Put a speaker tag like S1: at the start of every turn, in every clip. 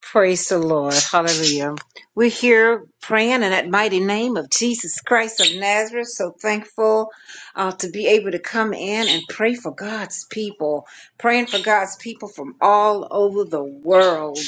S1: Praise the Lord. Hallelujah. We're here praying in that mighty name of Jesus Christ of Nazareth. So thankful uh, to be able to come in and pray for God's people, praying for God's people from all over the world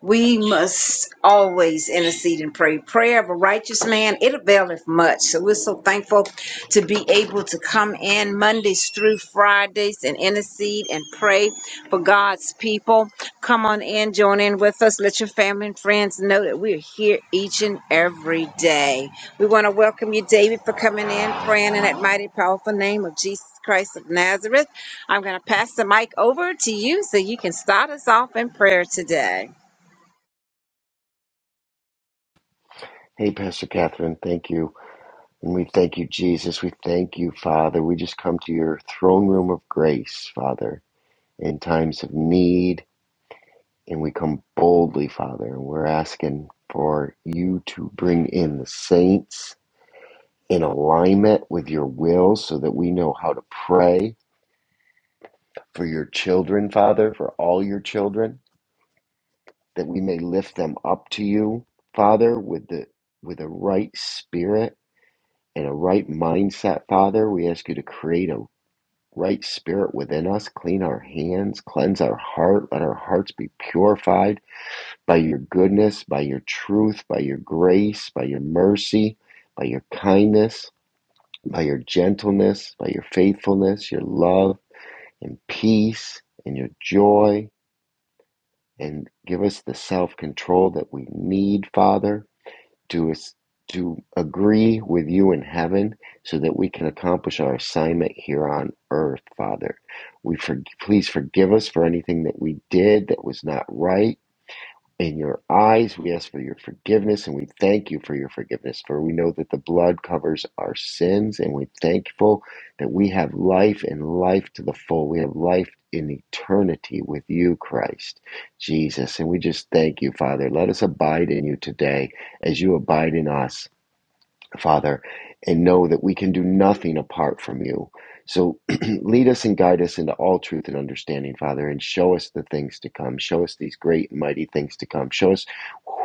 S1: we must always intercede and pray. Prayer of a righteous man, it availeth much. So we're so thankful to be able to come in Mondays through Fridays and intercede and pray for God's people. Come on in, join in with us. Let your family and friends know that we're here each and every day. We want to welcome you, David, for coming in, praying in that mighty, powerful name of Jesus Christ of Nazareth. I'm going to pass the mic over to you so you can start us off in prayer today.
S2: Hey, Pastor Catherine, thank you. And we thank you, Jesus. We thank you, Father. We just come to your throne room of grace, Father, in times of need. And we come boldly, Father, and we're asking for you to bring in the saints in alignment with your will so that we know how to pray for your children, Father, for all your children, that we may lift them up to you, Father, with the with a right spirit and a right mindset, Father. We ask you to create a right spirit within us, clean our hands, cleanse our heart, let our hearts be purified by your goodness, by your truth, by your grace, by your mercy, by your kindness, by your gentleness, by your faithfulness, your love, and peace, and your joy. And give us the self control that we need, Father. to us to agree with you in heaven so that we can accomplish our assignment here on earth father we for, please forgive us for anything that we did that was not right in your eyes. We ask for your forgiveness and we thank you for your forgiveness. For we know that the blood covers our sins and we're thankful that we have life and life to the full. We have life in eternity with you, Christ Jesus. And we just thank you, Father. Let us abide in you today as you abide in us. Father, and know that we can do nothing apart from you. So lead us and guide us into all truth and understanding, Father, and show us the things to come. Show us these great and mighty things to come. Show us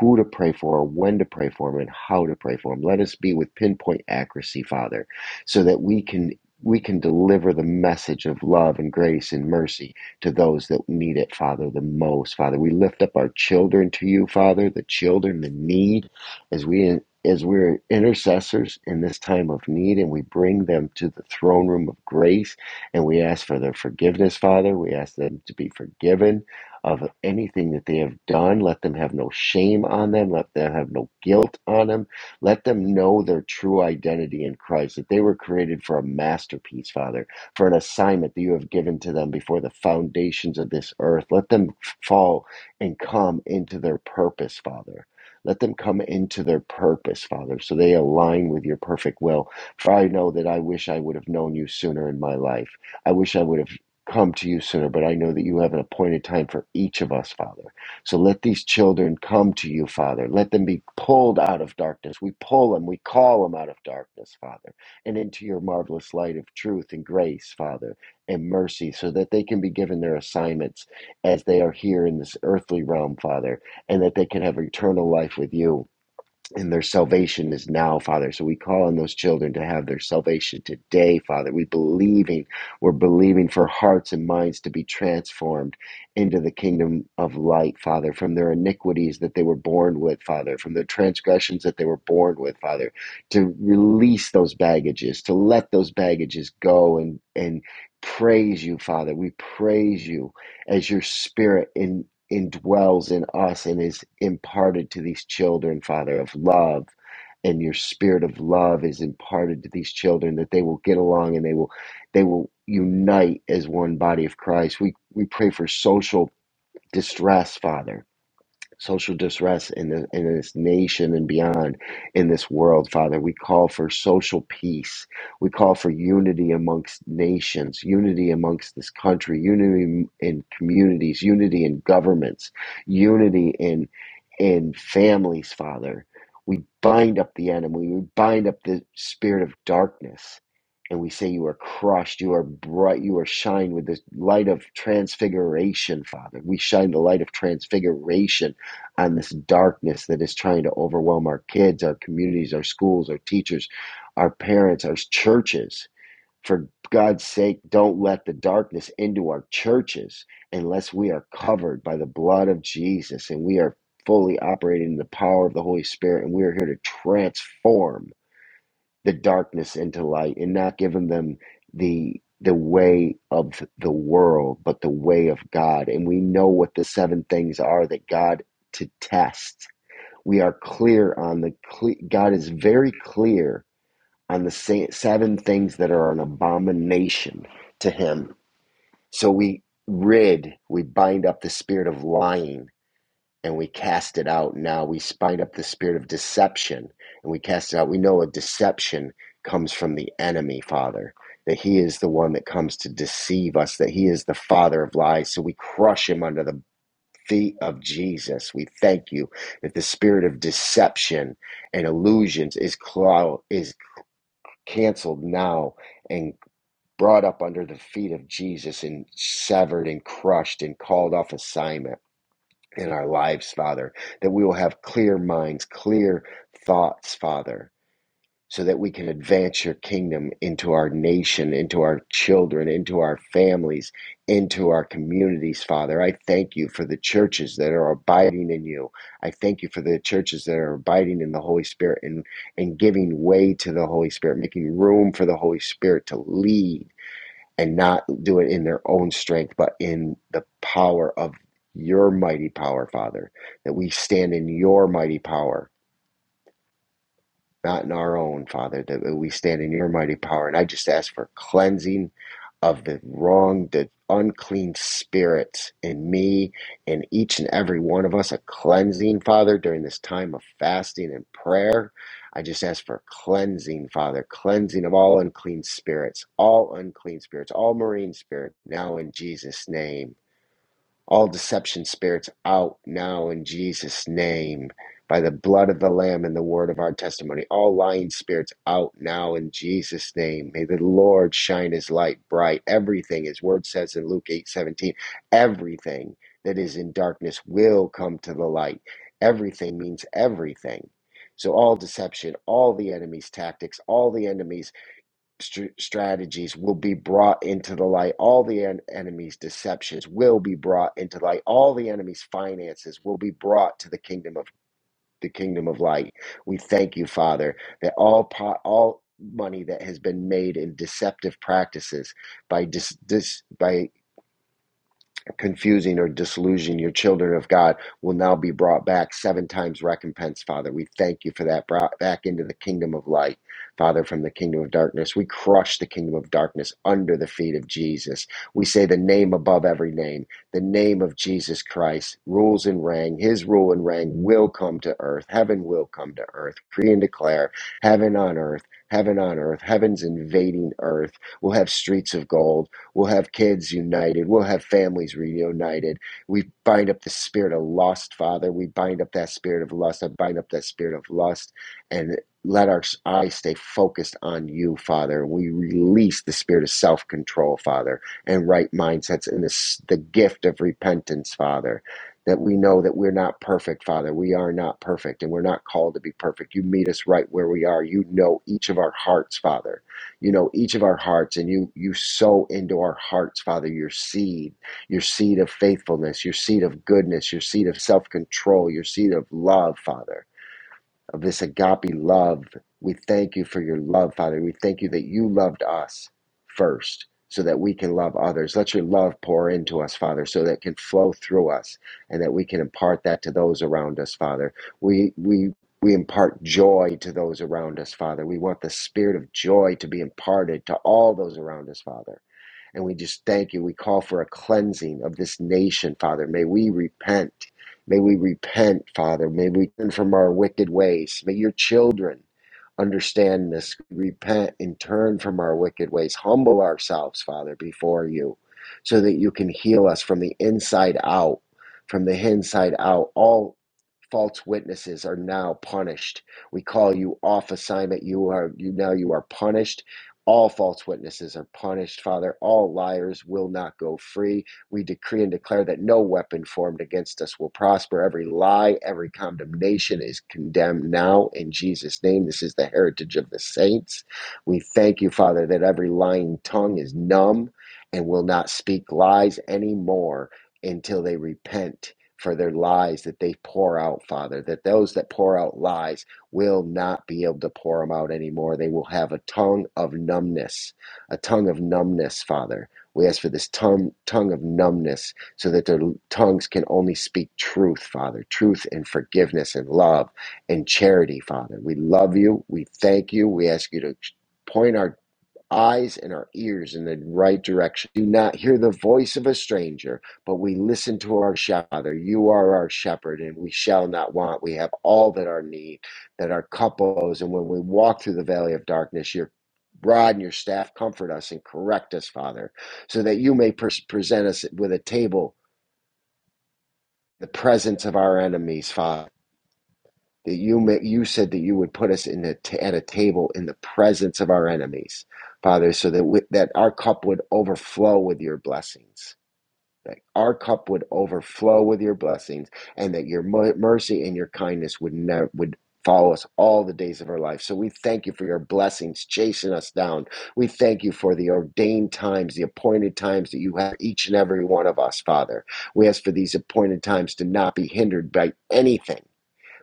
S2: who to pray for, when to pray for them, and how to pray for them. Let us be with pinpoint accuracy, Father, so that we can we can deliver the message of love and grace and mercy to those that need it, Father, the most. Father, we lift up our children to you, Father, the children, the need, as we as we're intercessors in this time of need and we bring them to the throne room of grace and we ask for their forgiveness, Father. We ask them to be forgiven of anything that they have done. Let them have no shame on them. Let them have no guilt on them. Let them know their true identity in Christ, that they were created for a masterpiece, Father, for an assignment that you have given to them before the foundations of this earth. Let them fall and come into their purpose, Father. Let them come into their purpose, Father, so they align with your perfect will. For I know that I wish I would have known you sooner in my life. I wish I would have come to you sooner, but I know that you have an appointed time for each of us, Father. So let these children come to you, Father. Let them be pulled out of darkness. We pull them, we call them out of darkness, Father, and into your marvelous light of truth and grace, Father, and mercy, so that they can be given their assignments as they are here in this earthly realm, Father and that they can have eternal life with you. And their salvation is now, Father. So we call on those children to have their salvation today, Father. We believing, we're believing for hearts and minds to be transformed into the kingdom of light, Father, from their iniquities that they were born with, Father, from their transgressions that they were born with, Father, to release those baggages, to let those baggages go and and praise you, Father. We praise you as your spirit in indwells in us and is imparted to these children, Father, of love. And your spirit of love is imparted to these children that they will get along and they will they will unite as one body of Christ. We we pray for social distress, Father social distress in, the, in this nation and beyond in this world, Father. We call for social peace. We call for unity amongst nations, unity amongst this country, unity in communities, unity in governments, unity in in families, Father. We bind up the enemy. We bind up the spirit of darkness. And we say, You are crushed. You are bright. You are shine with the light of transfiguration, Father. We shine the light of transfiguration on this darkness that is trying to overwhelm our kids, our communities, our schools, our teachers, our parents, our churches. For God's sake, don't let the darkness into our churches unless we are covered by the blood of Jesus and we are fully operating in the power of the Holy Spirit and we are here to transform the darkness into light and not giving them the the way of the world, but the way of God. And we know what the seven things are that God to test. We are clear on the cle- God is very clear on the sa- seven things that are an abomination to him. So we rid, we bind up the spirit of lying and we cast it out. Now we bind up the spirit of deception and we cast it out. We know a deception comes from the enemy, Father, that he is the one that comes to deceive us, that he is the father of lies. So we crush him under the feet of Jesus. We thank you that the spirit of deception and illusions is, clou- is canceled now and brought up under the feet of Jesus and severed and crushed and called off assignment in our lives, Father, that we will have clear minds, clear thoughts, Father so that we can advance your kingdom into our nation, into our children, into our families, into our communities, Father. I thank you for the churches that are abiding in you. I thank you for the churches that are abiding in the Holy Spirit and, and giving way to the Holy Spirit, making room for the Holy Spirit to lead and not do it in their own strength, but in the power of your mighty power, Father, that we stand in your mighty power not in our own, Father, that we stand in your mighty power. And I just ask for cleansing of the wrong, the unclean spirits in me and each and every one of us, a cleansing, Father, during this time of fasting and prayer. I just ask for cleansing, Father, cleansing of all unclean spirits, all unclean spirits, all marine spirits, now in Jesus' name all deception spirits out now in Jesus' name by the blood of the Lamb and the word of our testimony. All lying spirits out now in Jesus' name. May the Lord shine his light bright. Everything, his word says in Luke eight seventeen, everything that is in darkness will come to the light. Everything means everything. So all deception, all the enemy's tactics, all the enemy's str- strategies will be brought into the light. All the en- enemy's deceptions will be brought into light. All the enemy's finances will be brought to the kingdom of the kingdom of light. We thank you, Father, that all po- all money that has been made in deceptive practices by dis, dis by confusing or disillusioning your children of God will now be brought back seven times recompense, Father. We thank you for that brought back into the kingdom of light, Father, from the kingdom of darkness. We crush the kingdom of darkness under the feet of Jesus. We say the name above every name, the name of Jesus Christ rules and reign. His rule and reign will come to earth. Heaven will come to earth. Decree and declare heaven on earth. Heaven on earth, heaven's invading earth. We'll have streets of gold. We'll have kids united. We'll have families reunited. We bind up the spirit of lust, Father. We bind up that spirit of lust. I bind up that spirit of lust and let our eyes stay focused on you, Father. We release the spirit of self control, Father, and right mindsets and this, the gift of repentance, Father. That we know that we're not perfect, Father. We are not perfect, and we're not called to be perfect. You meet us right where we are. You know each of our hearts, Father you know, each of our hearts, and you you sow into our hearts, Father, your seed, your seed of faithfulness, your seed of goodness, your seed of self control, your seed of love, Father of this agape love. We thank you for your love, Father. We thank you that you loved us first so that we can love others. Let your love pour into us, Father, so that it can flow through us and that we can impart that to those around us, Father. We we we impart joy to those around us, Father. We want the spirit of joy to be imparted to all those around us, Father. And we just thank you. We call for a cleansing of this nation, Father. May we repent. May we repent, Father. May we turn from our wicked ways. May your children understand this. Repent and turn from our wicked ways. Humble ourselves, Father, before you so that you can heal us from the inside out, from the inside out, all false witnesses are now punished we call you off assignment you are you now you are punished all false witnesses are punished father all liars will not go free we decree and declare that no weapon formed against us will prosper every lie every condemnation is condemned now in jesus name this is the heritage of the saints we thank you father that every lying tongue is numb and will not speak lies anymore until they repent for their lies that they pour out, Father, that those that pour out lies will not be able to pour them out anymore. They will have a tongue of numbness, a tongue of numbness, Father. We ask for this tongue, tongue of numbness so that their tongues can only speak truth, Father, truth and forgiveness and love and charity, Father. We love you. We thank you. We ask you to point our eyes and our ears in the right direction. Do not hear the voice of a stranger, but we listen to our Father. You are our shepherd, and we shall not want. We have all that our need, that our cup obeys. And when we walk through the valley of darkness, your rod and your staff comfort us and correct us, Father, so that you may pres- present us with a table in the presence of our enemies, Father that you ma- you said that you would put us in a t- at a table in the presence of our enemies, Father, so that we, that our cup would overflow with your blessings. That our cup would overflow with your blessings, and that your mer- mercy and your kindness would never would follow us all the days of our life. So we thank you for your blessings chasing us down. We thank you for the ordained times, the appointed times that you have for each and every one of us, Father. We ask for these appointed times to not be hindered by anything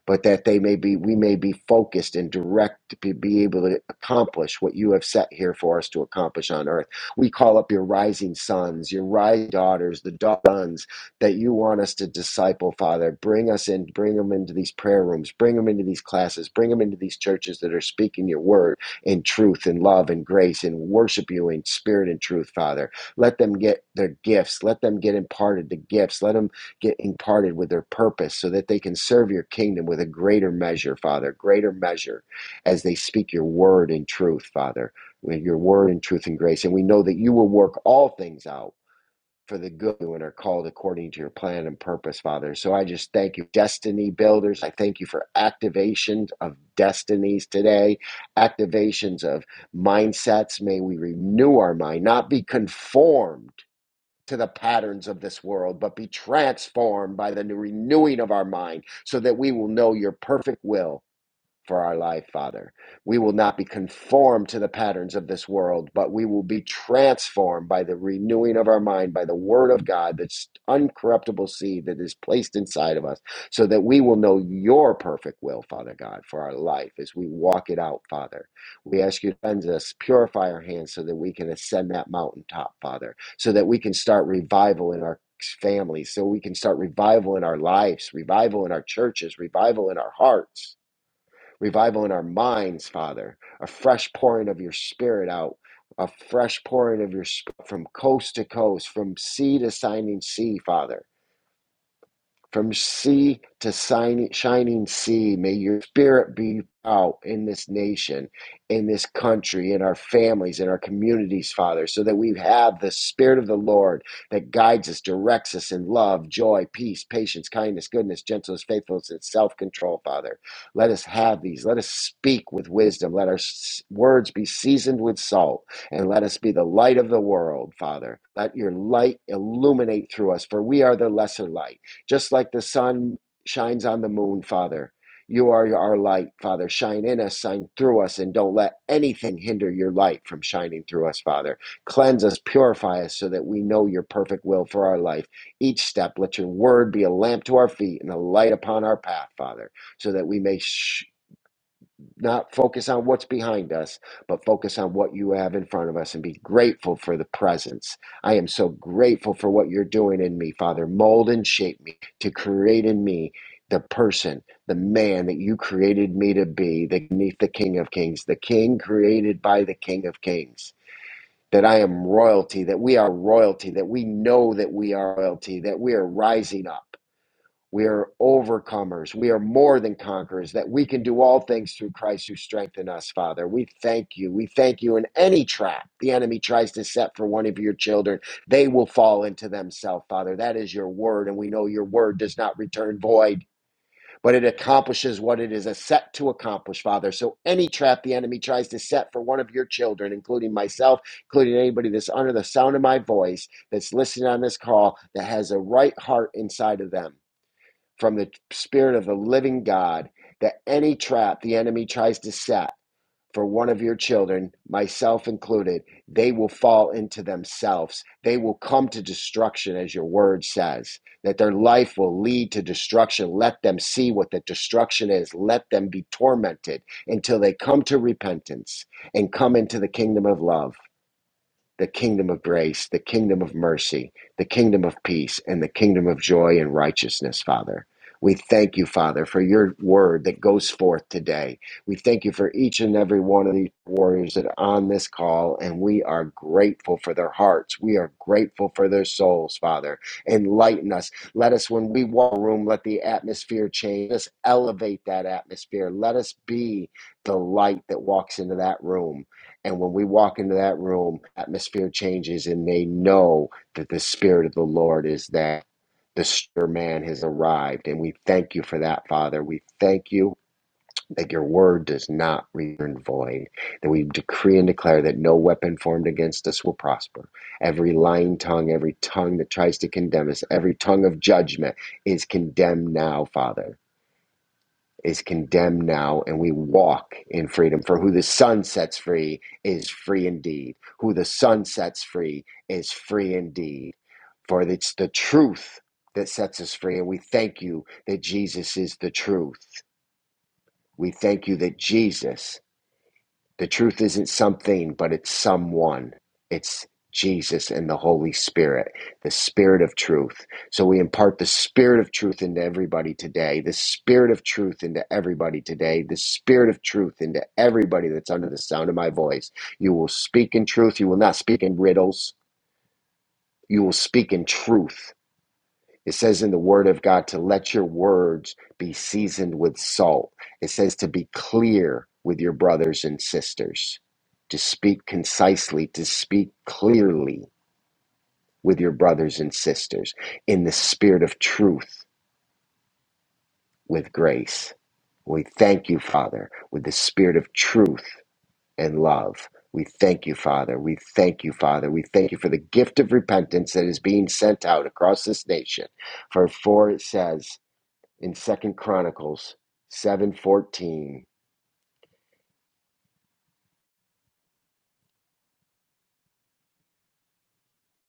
S2: but that they may be we may be focused and direct to be be able to accomplish what you have set here for us to accomplish on earth we call up your rising sons your rising daughters the da- sons that you want us to disciple father bring us in bring them into these prayer rooms bring them into these classes bring them into these churches that are speaking your word in truth and love and grace and worship you in spirit and truth father let them get their gifts let them get imparted the gifts let them get imparted with their purpose so that they can serve your kingdom with a greater measure, Father, greater measure as they speak your word in truth, Father, with your word in truth and grace. And we know that you will work all things out for the good and are called according to your plan and purpose, Father. So I just thank you, destiny builders. I thank you for activations of destinies today, activations of mindsets. May we renew our mind, not be conformed to the patterns of this world, but be transformed by the renewing of our mind so that we will know your perfect will for our life, Father. We will not be conformed to the patterns of this world, but we will be transformed by the renewing of our mind, by the word of God, that's uncorruptible seed that is placed inside of us, so that we will know your perfect will, Father God, for our life as we walk it out, Father. We ask you to cleanse us, purify our hands so that we can ascend that mountaintop, Father, so that we can start revival in our families, so we can start revival in our lives, revival in our churches, revival in our hearts revival in our minds, Father, a fresh pouring of your spirit out, a fresh pouring of your spirit from coast to coast, from sea to shining sea, Father. From sea to shining, sea, may your spirit be out in this nation, in this country, in our families, in our communities, Father, so that we have the spirit of the Lord that guides us, directs us in love, joy, peace, patience, kindness, goodness, gentleness, faithfulness, and self control, Father. Let us have these. Let us speak with wisdom. Let our s- words be seasoned with salt and let us be the light of the world, Father. Let your light illuminate through us, for we are the lesser light. Just like the sun shines on the moon, Father, you are our light, Father. Shine in us, shine through us, and don't let anything hinder your light from shining through us, Father. Cleanse us, purify us so that we know your perfect will for our life. Each step, let your word be a lamp to our feet and a light upon our path, Father, so that we may sh- not focus on what's behind us, but focus on what you have in front of us and be grateful for the presence. I am so grateful for what you're doing in me, Father. Mold and shape me to create in me the person, the man that you created me to be, the, the King of Kings, the King created by the King of Kings. That I am royalty, that we are royalty, that we know that we are royalty, that we are rising up we are overcomers. We are more than conquerors, that we can do all things through Christ who strengthen us, Father. We thank you. We thank you in any trap the enemy tries to set for one of your children. They will fall into themselves, Father. That is your word, and we know your word does not return void, but it accomplishes what it is set to accomplish, Father. So any trap the enemy tries to set for one of your children, including myself, including anybody that's under the sound of my voice, that's listening on this call, that has a right heart inside of them from the Spirit of the living God that any trap the enemy tries to set for one of your children, myself included, they will fall into themselves. They will come to destruction, as your word says, that their life will lead to destruction. Let them see what the destruction is. Let them be tormented until they come to repentance and come into the kingdom of love the kingdom of grace, the kingdom of mercy, the kingdom of peace, and the kingdom of joy and righteousness, Father. We thank you, Father, for your word that goes forth today. We thank you for each and every one of these warriors that are on this call, and we are grateful for their hearts. We are grateful for their souls, Father. Enlighten us. Let us, when we walk a room, let the atmosphere change. Let us elevate that atmosphere. Let us be the light that walks into that room and when we walk into that room, atmosphere changes, and they know that the Spirit of the Lord is that the stir man has arrived. And we thank you for that, Father. We thank you that your word does not return void, that we decree and declare that no weapon formed against us will prosper. Every lying tongue, every tongue that tries to condemn us, every tongue of judgment is condemned now, Father is condemned now, and we walk in freedom. For who the Son sets free is free indeed. Who the Son sets free is free indeed. For it's the truth that sets us free, and we thank you that Jesus is the truth. We thank you that Jesus the truth isn't something, but it's someone. It's Jesus and the Holy Spirit, the Spirit of truth. So we impart the Spirit of truth into everybody today, the Spirit of truth into everybody today, the Spirit of truth into everybody that's under the sound of my voice. You will speak in truth. You will not speak in riddles. You will speak in truth. It says in the word of God to let your words be seasoned with salt. It says to be clear with your brothers and sisters, to speak concisely, to speak clearly with your brothers and sisters in the spirit of truth with grace. We thank you, Father, with the spirit of truth and love. We thank you, Father. We thank you, Father. We thank you for the gift of repentance that is being sent out across this nation. For for it says, in Second Chronicles 7:14.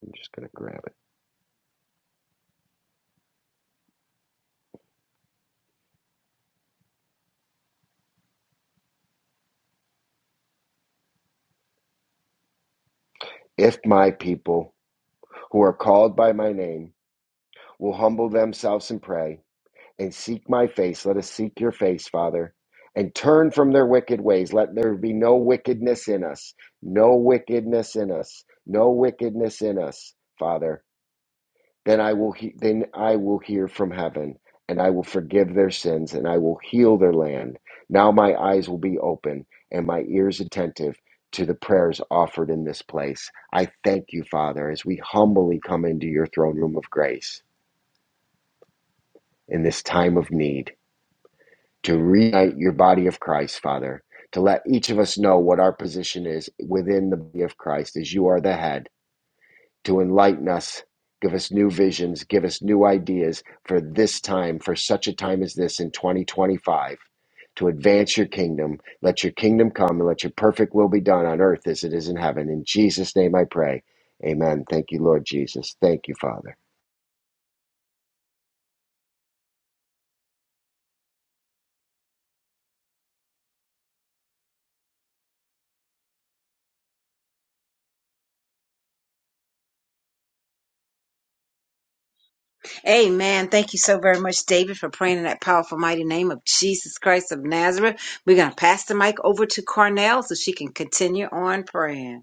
S2: I'm just going to grab it. If my people who are called by my name will humble themselves and pray and seek my face, let us seek your face, Father, and turn from their wicked ways. Let there be no wickedness in us, no wickedness in us, no wickedness in us, Father. then I will he- then I will hear from heaven, and I will forgive their sins, and I will heal their land. Now my eyes will be open and my ears attentive to the prayers offered in this place. I thank you, Father, as we humbly come into your throne room of grace in this time of need to reunite your body of Christ, Father, to let each of us know what our position is within the body of Christ as you are the head to enlighten us, give us new visions, give us new ideas for this time, for such a time as this in 2025, to advance your kingdom. Let your kingdom come and let your perfect will be done on earth as it is in heaven. In Jesus' name I pray. Amen. Thank you, Lord Jesus. Thank you, Father.
S1: Amen. Thank you so very much, David, for praying in that powerful, mighty name of Jesus Christ of Nazareth. We're going to pass the mic over to Cornell so she can continue on praying.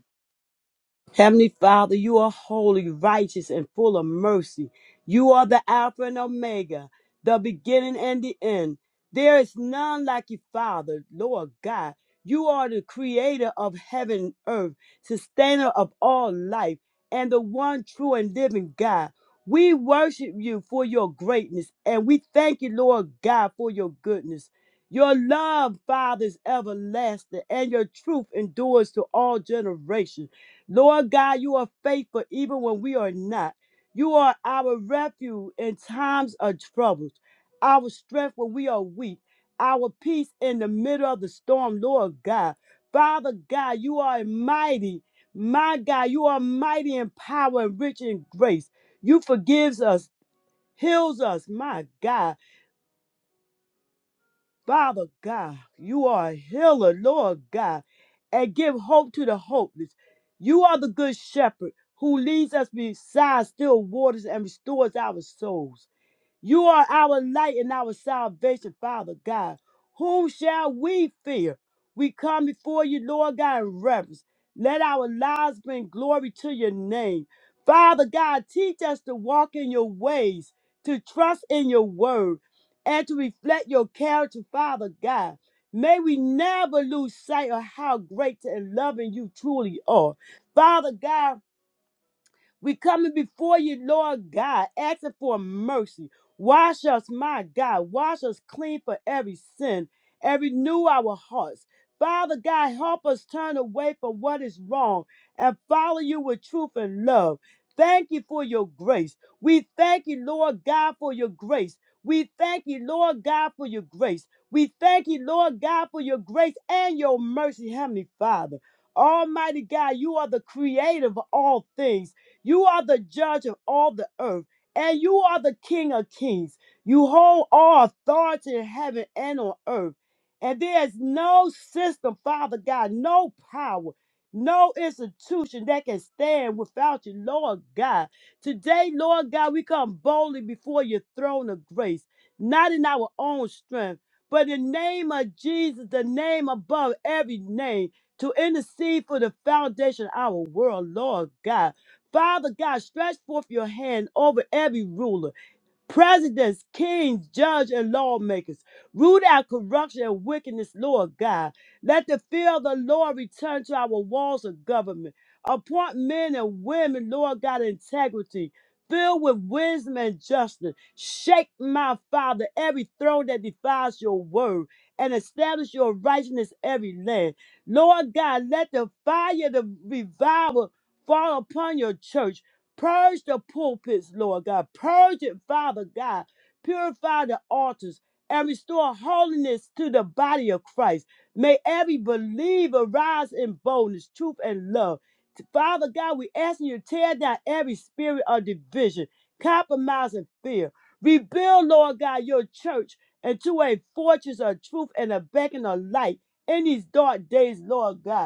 S3: Heavenly Father, you are holy, righteous, and full of mercy. You are the Alpha and Omega, the beginning and the end. There is none like you, Father, Lord God. You are the creator of heaven and earth, sustainer of all life, and the one true and living God. We worship you for your greatness, and we thank you, Lord God, for your goodness. Your love, Father, is everlasting, and your truth endures to all generations. Lord God, you are faithful even when we are not. You are our refuge in times of troubles, our strength when we are weak, our peace in the middle of the storm, Lord God. Father God, you are mighty. My God, you are mighty in power and rich in grace. You forgives us, heals us, my God. Father God, you are a healer, Lord God, and give hope to the hopeless. You are the good shepherd who leads us beside still waters and restores our souls. You are our light and our salvation, Father God. Whom shall we fear? We come before you, Lord God, in reverence. Let our lives bring glory to your name. Father God, teach us to walk in your ways, to trust in your word, and to reflect your character, Father God. May we never lose sight of how great and loving you truly are. Father God, we coming before you, Lord God, asking for mercy. Wash us, my God. Wash us clean for every sin, every new our hearts. Father God, help us turn away from what is wrong and follow you with truth and love. Thank you for your grace. We thank you, Lord God, for your grace. We thank you, Lord God, for your grace. We thank you, Lord God, for your grace and your mercy, Heavenly Father. Almighty God, you are the creator of all things. You are the judge of all the earth, and you are the King of kings. You hold all authority in heaven and on earth. And there is no system, Father God, no power, no institution that can stand without you, Lord God. Today, Lord God, we come boldly before your throne of grace, not in our own strength, but in the name of Jesus, the name above every name, to intercede for the foundation of our world, Lord God. Father God, stretch forth your hand over every ruler, presidents, kings, judges, and lawmakers. Root out corruption and wickedness, Lord God. Let the fear of the Lord return to our walls of government. Appoint men and women, Lord God, of integrity, filled with wisdom and justice. Shake, my Father, every throne that defies your word and establish your righteousness every land. Lord God, let the fire, the revival fall upon your church. Purge the pulpits, Lord God. Purge it, Father God. Purify the altars and restore holiness to the body of Christ. May every believer rise in boldness, truth, and love. Father God, we ask you to tear down every spirit of division, compromise, and fear. Rebuild, Lord God, your church into a fortress of truth and a beacon of light in these dark days, Lord God.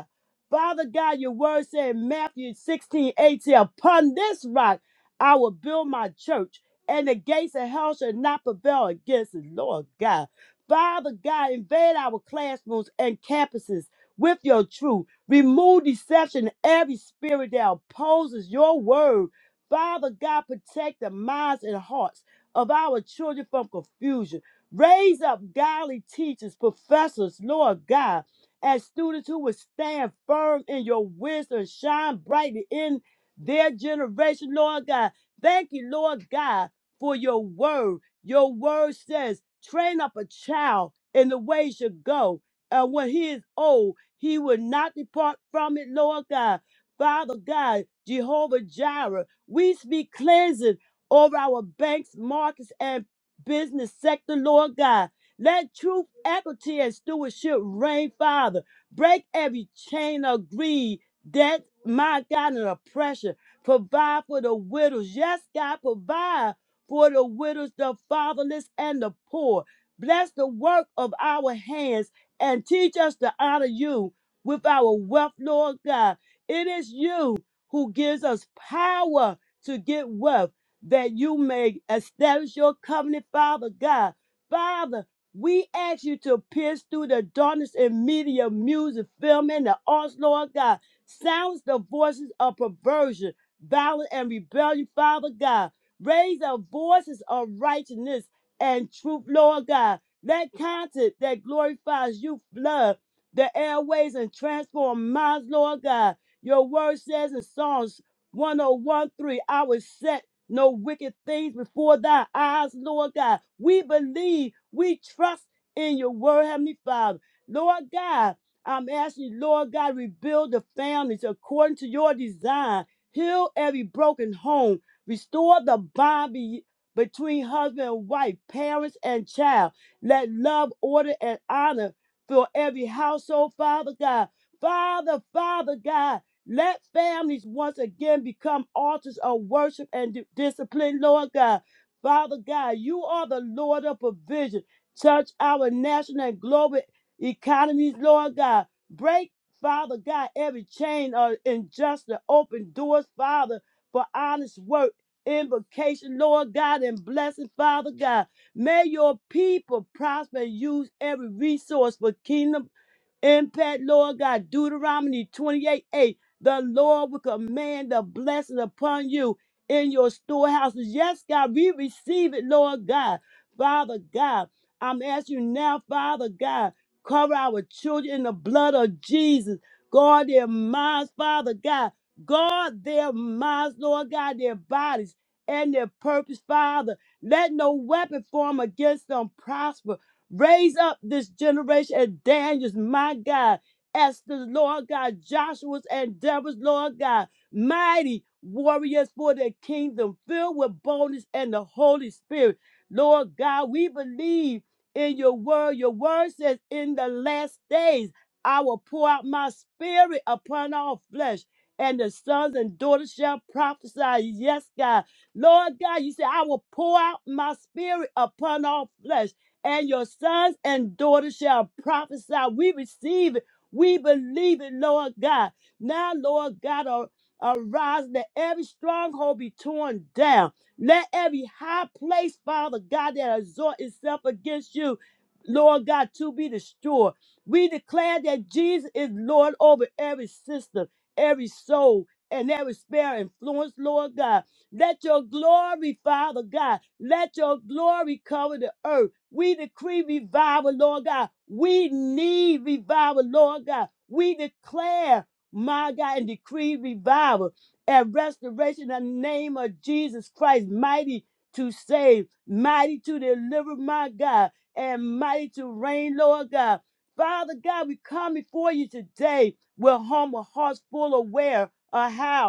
S3: Father God, your word said in Matthew 16, eighteen, upon this rock I will build my church, and the gates of hell shall not prevail against it. Lord God. Father God, invade our classrooms and campuses with your truth. Remove deception and every spirit that opposes your word. Father God, protect the minds and hearts of our children from confusion. Raise up godly teachers, professors, Lord God as students who will stand firm in your wisdom, shine brightly in their generation, Lord God. Thank you, Lord God, for your word. Your word says, train up a child in the way he should go. And when he is old, he will not depart from it, Lord God. Father God, Jehovah Jireh, we speak cleansing over our banks, markets, and business sector, Lord God. Let truth, equity, and stewardship reign, Father. Break every chain of greed, debt, my God, and oppression. Provide for the widows. Yes, God, provide for the widows, the fatherless, and the poor. Bless the work of our hands and teach us to honor you with our wealth, Lord God. It is you who gives us power to get wealth that you may establish your covenant, Father God. Father, we ask you to pierce through the darkness in media, music, film, and the arts, Lord God. Silence the voices of perversion, violence, and rebellion, Father God. Raise the voices of righteousness and truth, Lord God. Let content that glorifies you flood the airways and transform minds, Lord God. Your word says in Psalms 101:3, I was set no wicked things before thy eyes, Lord God. We believe, we trust in your word, Heavenly Father. Lord God, I'm asking you, Lord God, rebuild the families according to your design. Heal every broken home. Restore the bond be- between husband and wife, parents and child. Let love, order, and honor fill every household, Father God. Father, Father God, let families once again become altars of worship and di- discipline, Lord God. Father God, you are the Lord of provision. Touch our national and global economies, Lord God. Break, Father God, every chain of injustice. Open doors, Father, for honest work, invocation, Lord God, and blessing, Father God. May your people prosper and use every resource for kingdom Impact, Lord God. Deuteronomy 28 8. The Lord will command the blessing upon you in your storehouses. Yes, God, we receive it, Lord God. Father God, I'm asking you now, Father God, cover our children in the blood of Jesus. Guard their minds, Father God. Guard their minds, Lord God, their bodies and their purpose, Father. Let no weapon form against them prosper. Raise up this generation and Daniel's, my God, Esther's, Lord God, Joshua's and Deborah's, Lord God, mighty warriors for the kingdom, filled with boldness and the Holy Spirit. Lord God, we believe in your word. Your word says, in the last days, I will pour out my spirit upon all flesh, and the sons and daughters shall prophesy. Yes, God. Lord God, you said, I will pour out my spirit upon all flesh and your sons and daughters shall prophesy. We receive it. We believe it, Lord God. Now, Lord God, ar- arise. Let every stronghold be torn down. Let every high place, Father God, that exhort itself against you, Lord God, to be destroyed. We declare that Jesus is Lord over every system, every soul, and every spare influence, Lord God. Let your glory, Father God, let your glory cover the earth. We decree revival, Lord God. We need revival, Lord God. We declare, my God, and decree revival and restoration in the name of Jesus Christ, mighty to save, mighty to deliver, my God, and mighty to reign, Lord God. Father God, we come before you today with humble hearts full aware of how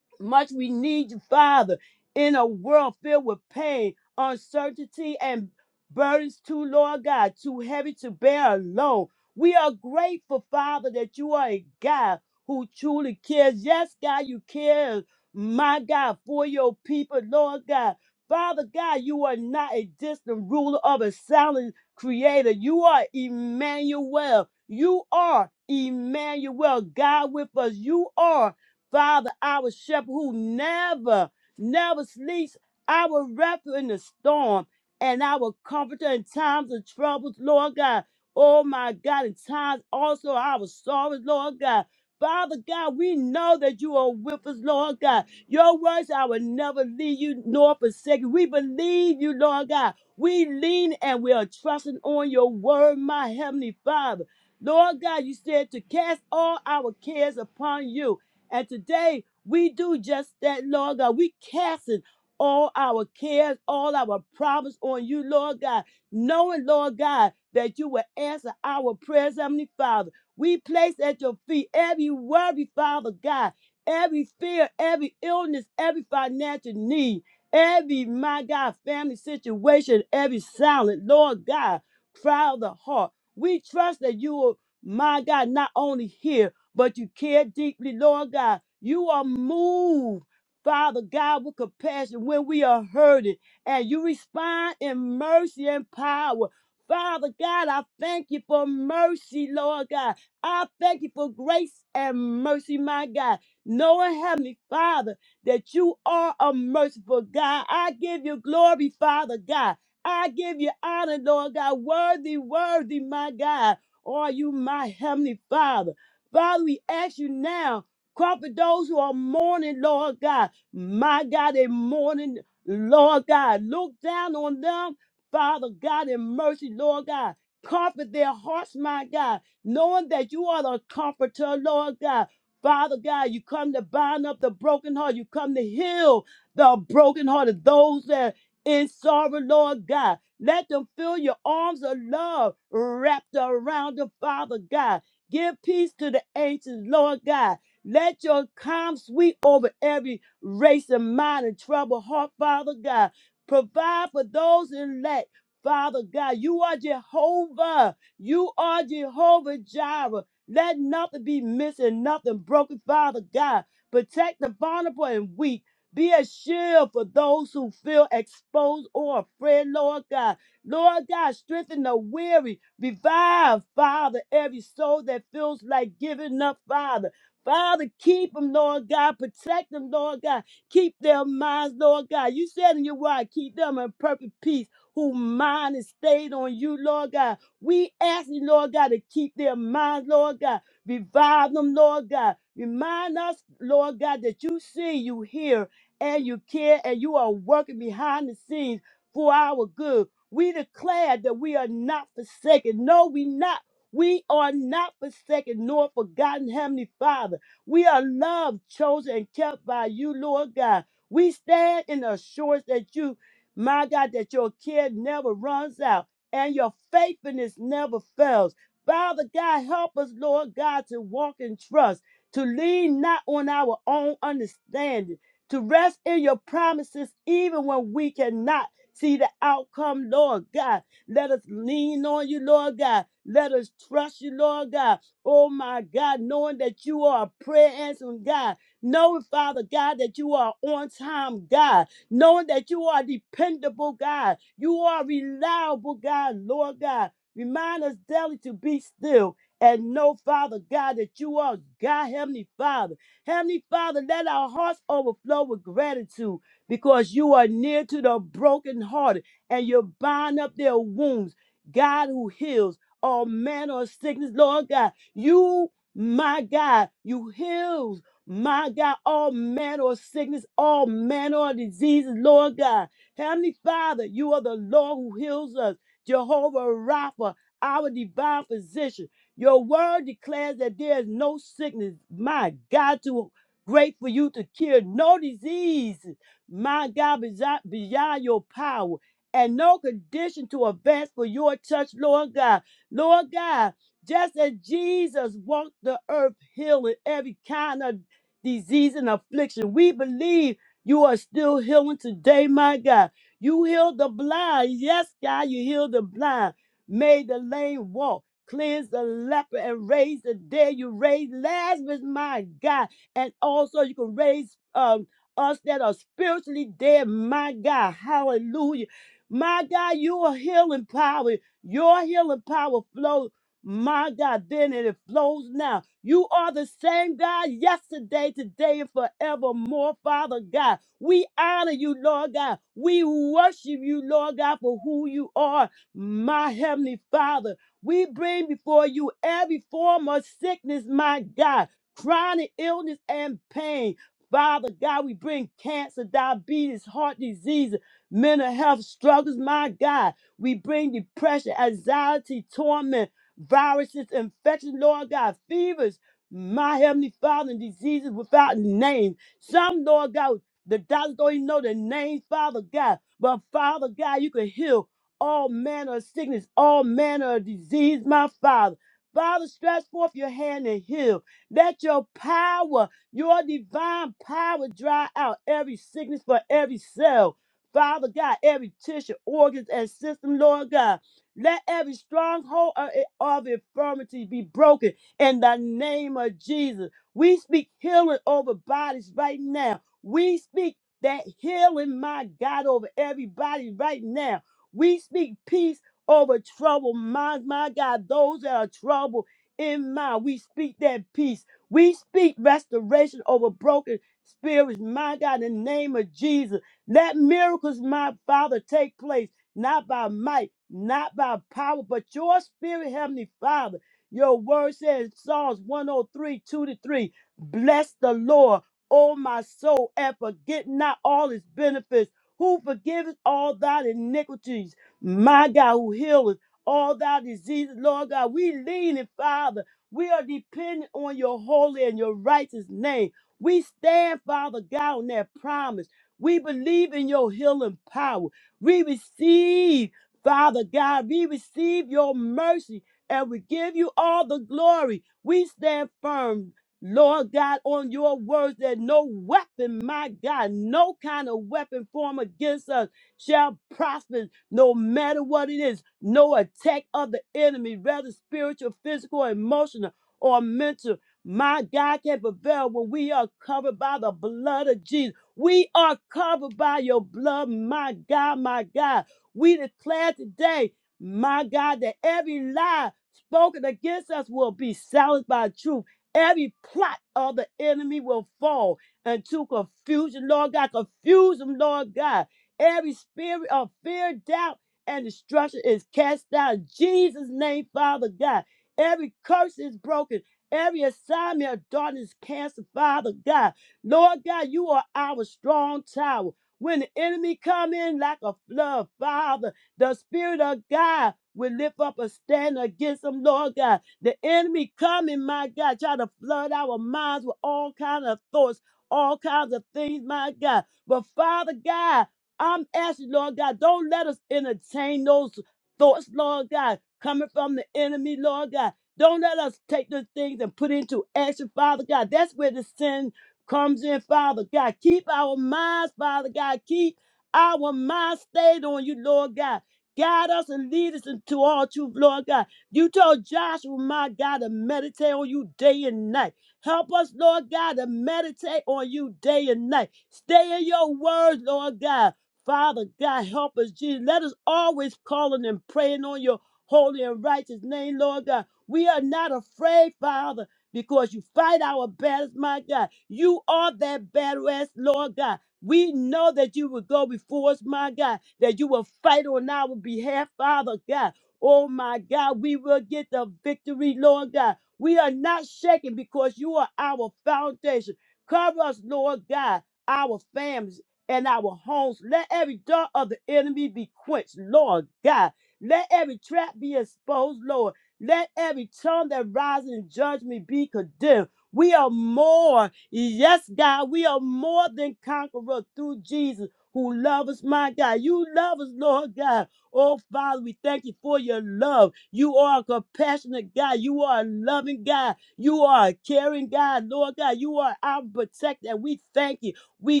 S3: much we need you, Father, in a world filled with pain, uncertainty, and burdens too, Lord God, too heavy to bear alone. We are grateful, Father, that you are a God who truly cares. Yes, God, you care, my God, for your people, Lord God. Father God, you are not a distant ruler of a silent creator. You are Emmanuel. You are Emmanuel, God with us. You are. Father, our shepherd who never, never sleeps, our refuge in the storm, and our comforter in times of troubles, Lord God. Oh my God, in times also our sorrows, Lord God. Father God, we know that you are with us, Lord God. Your words, I will never leave you nor forsake you. We believe you, Lord God. We lean and we are trusting on your word, my heavenly Father. Lord God, you said to cast all our cares upon you and today we do just that, Lord God. We casting all our cares, all our problems on you, Lord God, knowing, Lord God, that you will answer our prayers, Heavenly Father. We place at your feet every worry, Father God, every fear, every illness, every financial need, every, my God, family situation, every silent, Lord God, cry of the heart. We trust that you will, my God, not only hear, but you care deeply, Lord God. You are moved, Father God, with compassion when we are hurting, and you respond in mercy and power. Father God, I thank you for mercy, Lord God. I thank you for grace and mercy, my God. Knowing, Heavenly Father, that you are a merciful God. I give you glory, Father God. I give you honor, Lord God. Worthy, worthy, my God. Are you my Heavenly Father? Father, we ask you now, comfort those who are mourning, Lord God. My God, they mourning, Lord God. Look down on them, Father God, in mercy, Lord God. Comfort their hearts, my God, knowing that you are the comforter, Lord God. Father God, you come to bind up the broken heart. You come to heal the broken heart of those that are in sorrow, Lord God. Let them feel your arms of love wrapped around them, Father God. Give peace to the ancients, Lord God. Let your calm sweep over every race and mind and trouble heart, Father God. Provide for those in lack, Father God. You are Jehovah. You are Jehovah Jireh. Let nothing be missing, nothing broken, Father God. Protect the vulnerable and weak. Be a shield for those who feel exposed or afraid, Lord God. Lord God, strengthen the weary. Revive, Father, every soul that feels like giving up, Father. Father, keep them, Lord God. Protect them, Lord God. Keep their minds, Lord God. You said in your word, keep them in perfect peace, whose mind is stayed on you, Lord God. We ask you, Lord God, to keep their minds, Lord God. Revive them, Lord God. Remind us, Lord God, that you see, you hear, and you care, and you are working behind the scenes for our good. We declare that we are not forsaken. No, we not. We are not forsaken nor forgotten, Heavenly Father. We are loved, chosen, and kept by you, Lord God. We stand in the assurance that you, my God, that your care never runs out and your faithfulness never fails. Father God, help us, Lord God, to walk in trust, to lean not on our own understanding, to rest in your promises even when we cannot see the outcome, Lord God. Let us lean on you, Lord God. Let us trust you, Lord God. Oh my God, knowing that you are a prayer answering God. Knowing, Father God, that you are on time, God. Knowing that you are dependable, God. You are reliable, God, Lord God. Remind us daily to be still and know, Father God, that you are God, Heavenly Father. Heavenly Father, let our hearts overflow with gratitude because you are near to the brokenhearted and you bind up their wounds. God who heals all manner of sickness, Lord God, you, my God, you heals, my God, all manner of sickness, all manner of diseases, Lord God. Heavenly Father, you are the Lord who heals us, Jehovah Rapha, our divine physician. Your word declares that there is no sickness, my God, too great for you to cure, no disease my God, besi- beyond your power and no condition to advance for your touch, Lord God. Lord God, just as Jesus walked the earth healing every kind of disease and affliction, we believe you are still healing today, my God. You healed the blind. Yes, God, you healed the blind, made the lame walk. cleansed the leper and raised the dead. You raised Lazarus, my God. And also you can raise uh, us that are spiritually dead. My God, hallelujah. My God, your healing power, your healing power flows. My God, then and it flows now. You are the same God yesterday, today, and forevermore, Father God. We honor you, Lord God. We worship you, Lord God, for who you are, my Heavenly Father. We bring before you every form of sickness, my God, chronic illness and pain. Father God, we bring cancer, diabetes, heart disease, mental health struggles, my God. We bring depression, anxiety, torment, viruses, infections, Lord God, fevers, my heavenly Father, and diseases without name. Some, Lord God, the doctors don't even know the name, Father God. But Father God, you can heal all manner of sickness, all manner of disease, my Father. Father, stretch forth your hand and heal. Let your power your divine power dry out every sickness for every cell. Father God, every tissue, organs, and system, Lord God. Let every stronghold of of infirmity be broken in the name of Jesus. We speak healing over bodies right now. We speak that healing, my God, over everybody right now. We speak peace over troubled minds, my God, those that are troubled in mind. We speak that peace. We speak restoration over broken spirits, my God, in the name of Jesus. Let miracles, my Father, take place, not by might, not by power, but your spirit, Heavenly Father. Your word says, Psalms 1032 to 3, bless the Lord, O my soul, and forget not all his benefits, who forgiveth all thy iniquities, my God, who healeth all thy diseases, Lord God. We lean in, Father we are dependent on your holy and your righteous name. We stand, Father God, on that promise. We believe in your healing power. We receive, Father God, we receive your mercy and we give you all the glory. We stand firm, Lord God, on your words that no weapon, my God, no kind of weapon form against us shall prosper no matter what it is. No attack of the enemy, whether spiritual, physical, emotional, or mental. My God can prevail when we are covered by the blood of Jesus. We are covered by your blood, my God, my God. We declare today, my God, that every lie spoken against us will be silenced by truth. Every plot of the enemy will fall into confusion, Lord God. Confuse them, Lord God Every spirit of fear, doubt, and destruction is cast out in Jesus' name, Father God. Every curse is broken. Every assignment of darkness is canceled, Father God. Lord God, you are our strong tower. When the enemy come in like a flood, Father, the Spirit of God will lift up a stand against them, Lord God. The enemy coming, my God, try to flood our minds with all kinds of thoughts, all kinds of things, my God. But Father God, I'm asking, Lord God, don't let us entertain those thoughts, Lord God, coming from the enemy, Lord God. Don't let us take the things and put into action, Father God. That's where the sin comes in, Father God. Keep our minds, Father God. Keep our minds stayed on you, Lord God. Guide us and lead us into all truth, Lord God. You told Joshua, my God, to meditate on you day and night. Help us, Lord God, to meditate on you day and night. Stay in your word, Lord God. Father God, help us, Jesus. Let us always calling and praying on your holy and righteous name, Lord God. We are not afraid, Father, because you fight our battles, my God. You are that battle ass, Lord God. We know that you will go before us, my God, that you will fight on our behalf, Father God. Oh, my God, we will get the victory, Lord God. We are not shaken because you are our foundation. Cover us, Lord God, our families and our homes. Let every dart of the enemy be quenched, Lord God. Let every trap be exposed, Lord. Let every tongue that rises in judgment be condemned. We are more, yes, God, we are more than conquerors through Jesus who loves us, my God. You love us, Lord God. Oh, Father, we thank you for your love. You are a compassionate God. You are a loving God. You are a caring God, Lord God. You are our protector. and We thank you. We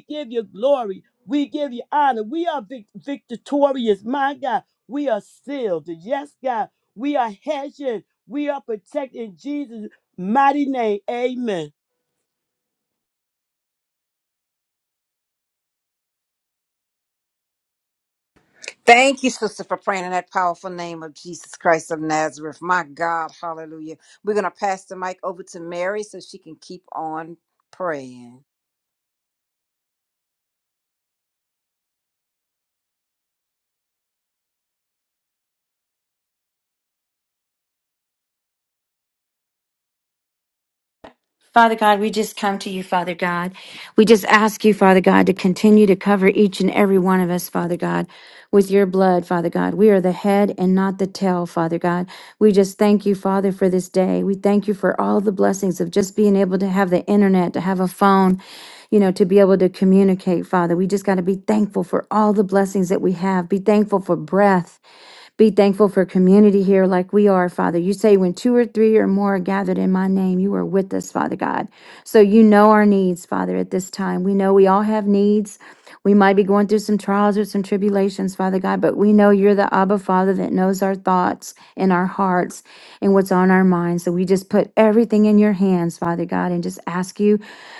S3: give you glory. We give you honor. We are vic- victorious, my God. We are sealed. Yes, God. We are hedging. We are protected in Jesus' mighty name. Amen.
S4: Thank you, sister, for praying in that powerful name of Jesus Christ of Nazareth. My God, hallelujah. We're going to pass the mic over to Mary so she can keep on praying.
S5: Father God, we just come to you, Father God. We just ask you, Father God, to continue to cover each and every one of us, Father God, with your blood, Father God. We are the head and not the tail, Father God. We just thank you, Father, for this day. We thank you for all the blessings of just being able to have the internet, to have a phone, you know, to be able to communicate, Father. We just got to be thankful for all the blessings that we have. Be thankful for breath. Be thankful for community here like we are, Father. You say when two or three or more are gathered in my name, you are with us, Father God. So you know our needs, Father, at this time. We know we all have needs. We might be going through some trials or some tribulations, Father God, but we know you're the Abba Father that knows our thoughts and our hearts and what's on our minds. So we just put everything in your hands, Father God, and just ask you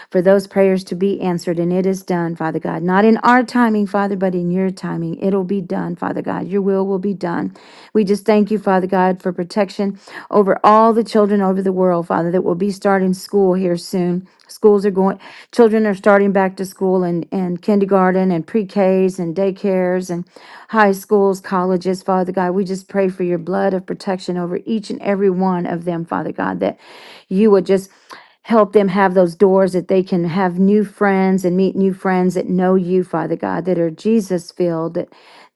S5: for those prayers to be answered. And it is done, Father God. Not in our timing, Father, but in your timing. It'll be done, Father God. Your will will be done. We just thank you, Father God, for protection over all the children over the world, Father, that will be starting school here soon. Schools are going, children are starting back to school and, and kindergarten and pre Ks and daycares and high schools, colleges, Father God. We just pray for your blood of protection over each and every one of them, Father God, that you would just help them have those doors that they can have new friends and meet new friends that know you, Father God, that are Jesus filled, that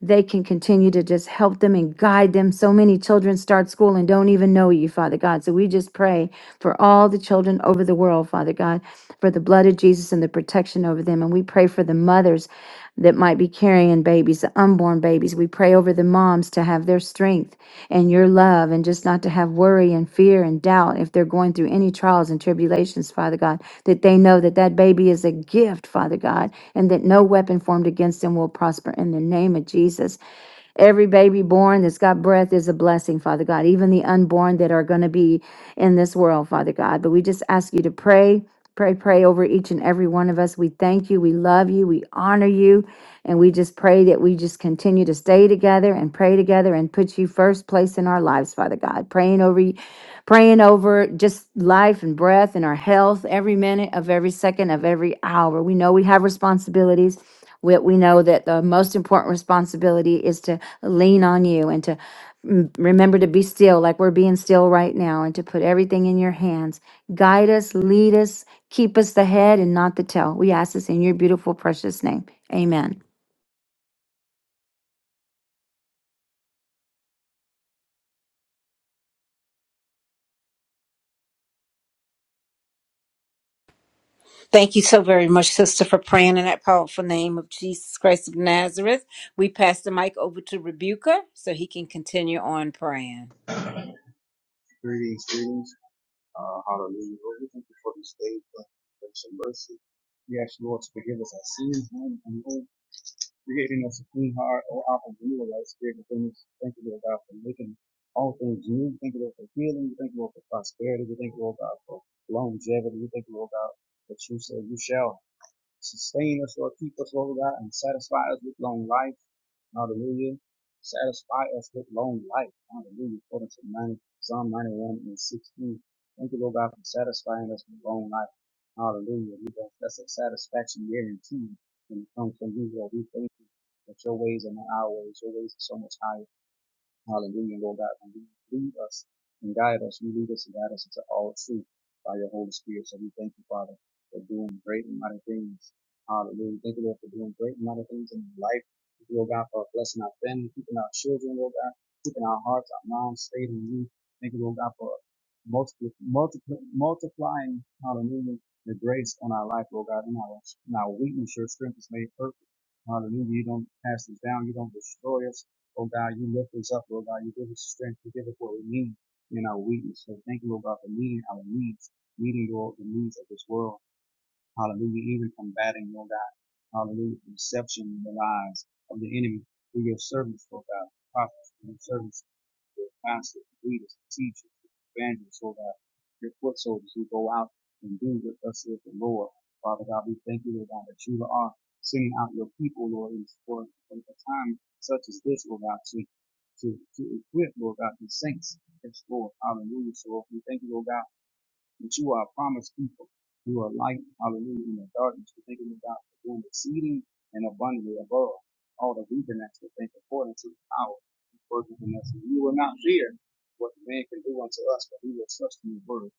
S5: they can continue to just help them and guide them. So many children start school and don't even know you, Father God. So we just pray for all the children over the world, Father God, for the blood of Jesus and the protection over them. And we pray for the mothers that might be carrying babies, the unborn babies. We pray over the moms to have their strength and your love and just not to have worry and fear and doubt if they're going through any trials and tribulations, Father God, that they know that that baby is a gift, Father God, and that no weapon formed against them will prosper in the name of Jesus. Every baby born that's got breath is a blessing, Father God, even the unborn that are going to be in this world, Father God. But we just ask you to pray, pray, pray over each and every one of us. We thank you, we love you, we honor you, and we just pray that we just continue to stay together and pray together and put you first place in our lives, Father God. Praying over you praying over just life and breath and our health every minute of every second of every hour. We know we have responsibilities. We, we know that the most important responsibility is to lean on you and to mm, remember to be still, like we're being still right now, and to put everything in your hands. Guide us, lead us, keep us the head and not the tail. We ask this in your beautiful, precious name. Amen.
S4: Thank you so very much, sister, for praying in that powerful name of Jesus Christ of Nazareth. We pass the mic over to Rebuka so he can continue on praying.
S6: Greetings, greetings. Uh, hallelujah. Lord, we thank you for this day, Lord, for grace and mercy. We ask you, Lord, to forgive us our sins, known and unknown, creating us a clean heart, O Alpha, renew a right spirit within us. Thank you, Lord God, for making all things new. Thank you, Lord, for healing. We thank you, Lord, for prosperity. We thank you, Lord God, for longevity. We thank you, Lord God, that you said you shall sustain us, Lord, keep us, Lord God, and satisfy us with long life. Hallelujah. Satisfy us with long life. Hallelujah. According to 90, Psalm 91 and 16. Thank you, Lord God, for satisfying us with long life. Hallelujah. We got- That's a satisfaction guaranteed when it comes from you, Lord. We thank you that your ways are not our ways. Your ways are so much higher. Hallelujah, Lord God. And you lead us and guide us. You lead us and guide us into all truth by your Holy Spirit. So we thank you, Father, for doing great and mighty things. Hallelujah. Thank you, Lord, for doing great and mighty things in our life. Thank you, Lord God, for blessing our family, keeping our children, Lord God, keeping our hearts, our minds straight in you. Thank you, Lord God, for multiply, multiply, multiplying, hallelujah, the grace on our life, Lord God, in our, in our weakness. Your strength is made perfect. Hallelujah. You don't cast us down. You don't destroy us. Oh God, you lift us up, Lord God. You give us strength. You give us what we need in our weakness. So thank you, Lord God, for meeting our needs, meeting Lord, the needs of this world. Hallelujah. Even combating, Lord God. Hallelujah. Deception in the lies of the enemy through your servants, Lord God. Prophets and servants their pastors, leaders, teachers, evangelists, so that your foot soldiers who go out and do what thus saith the Lord. Father God, we thank you, Lord God, that you are sending out your people, Lord, in for a time such as this, Lord God, to to, to equip, Lord God, these saints. Yes, Lord. Hallelujah. So we thank you, Lord God but you are a promised people. You are light, hallelujah, in the darkness. We're thanking you, God, for doing exceeding and abundantly above all that we've been asked to think according to the power working in us. we will not fear what man can do unto us, but we will trust in the word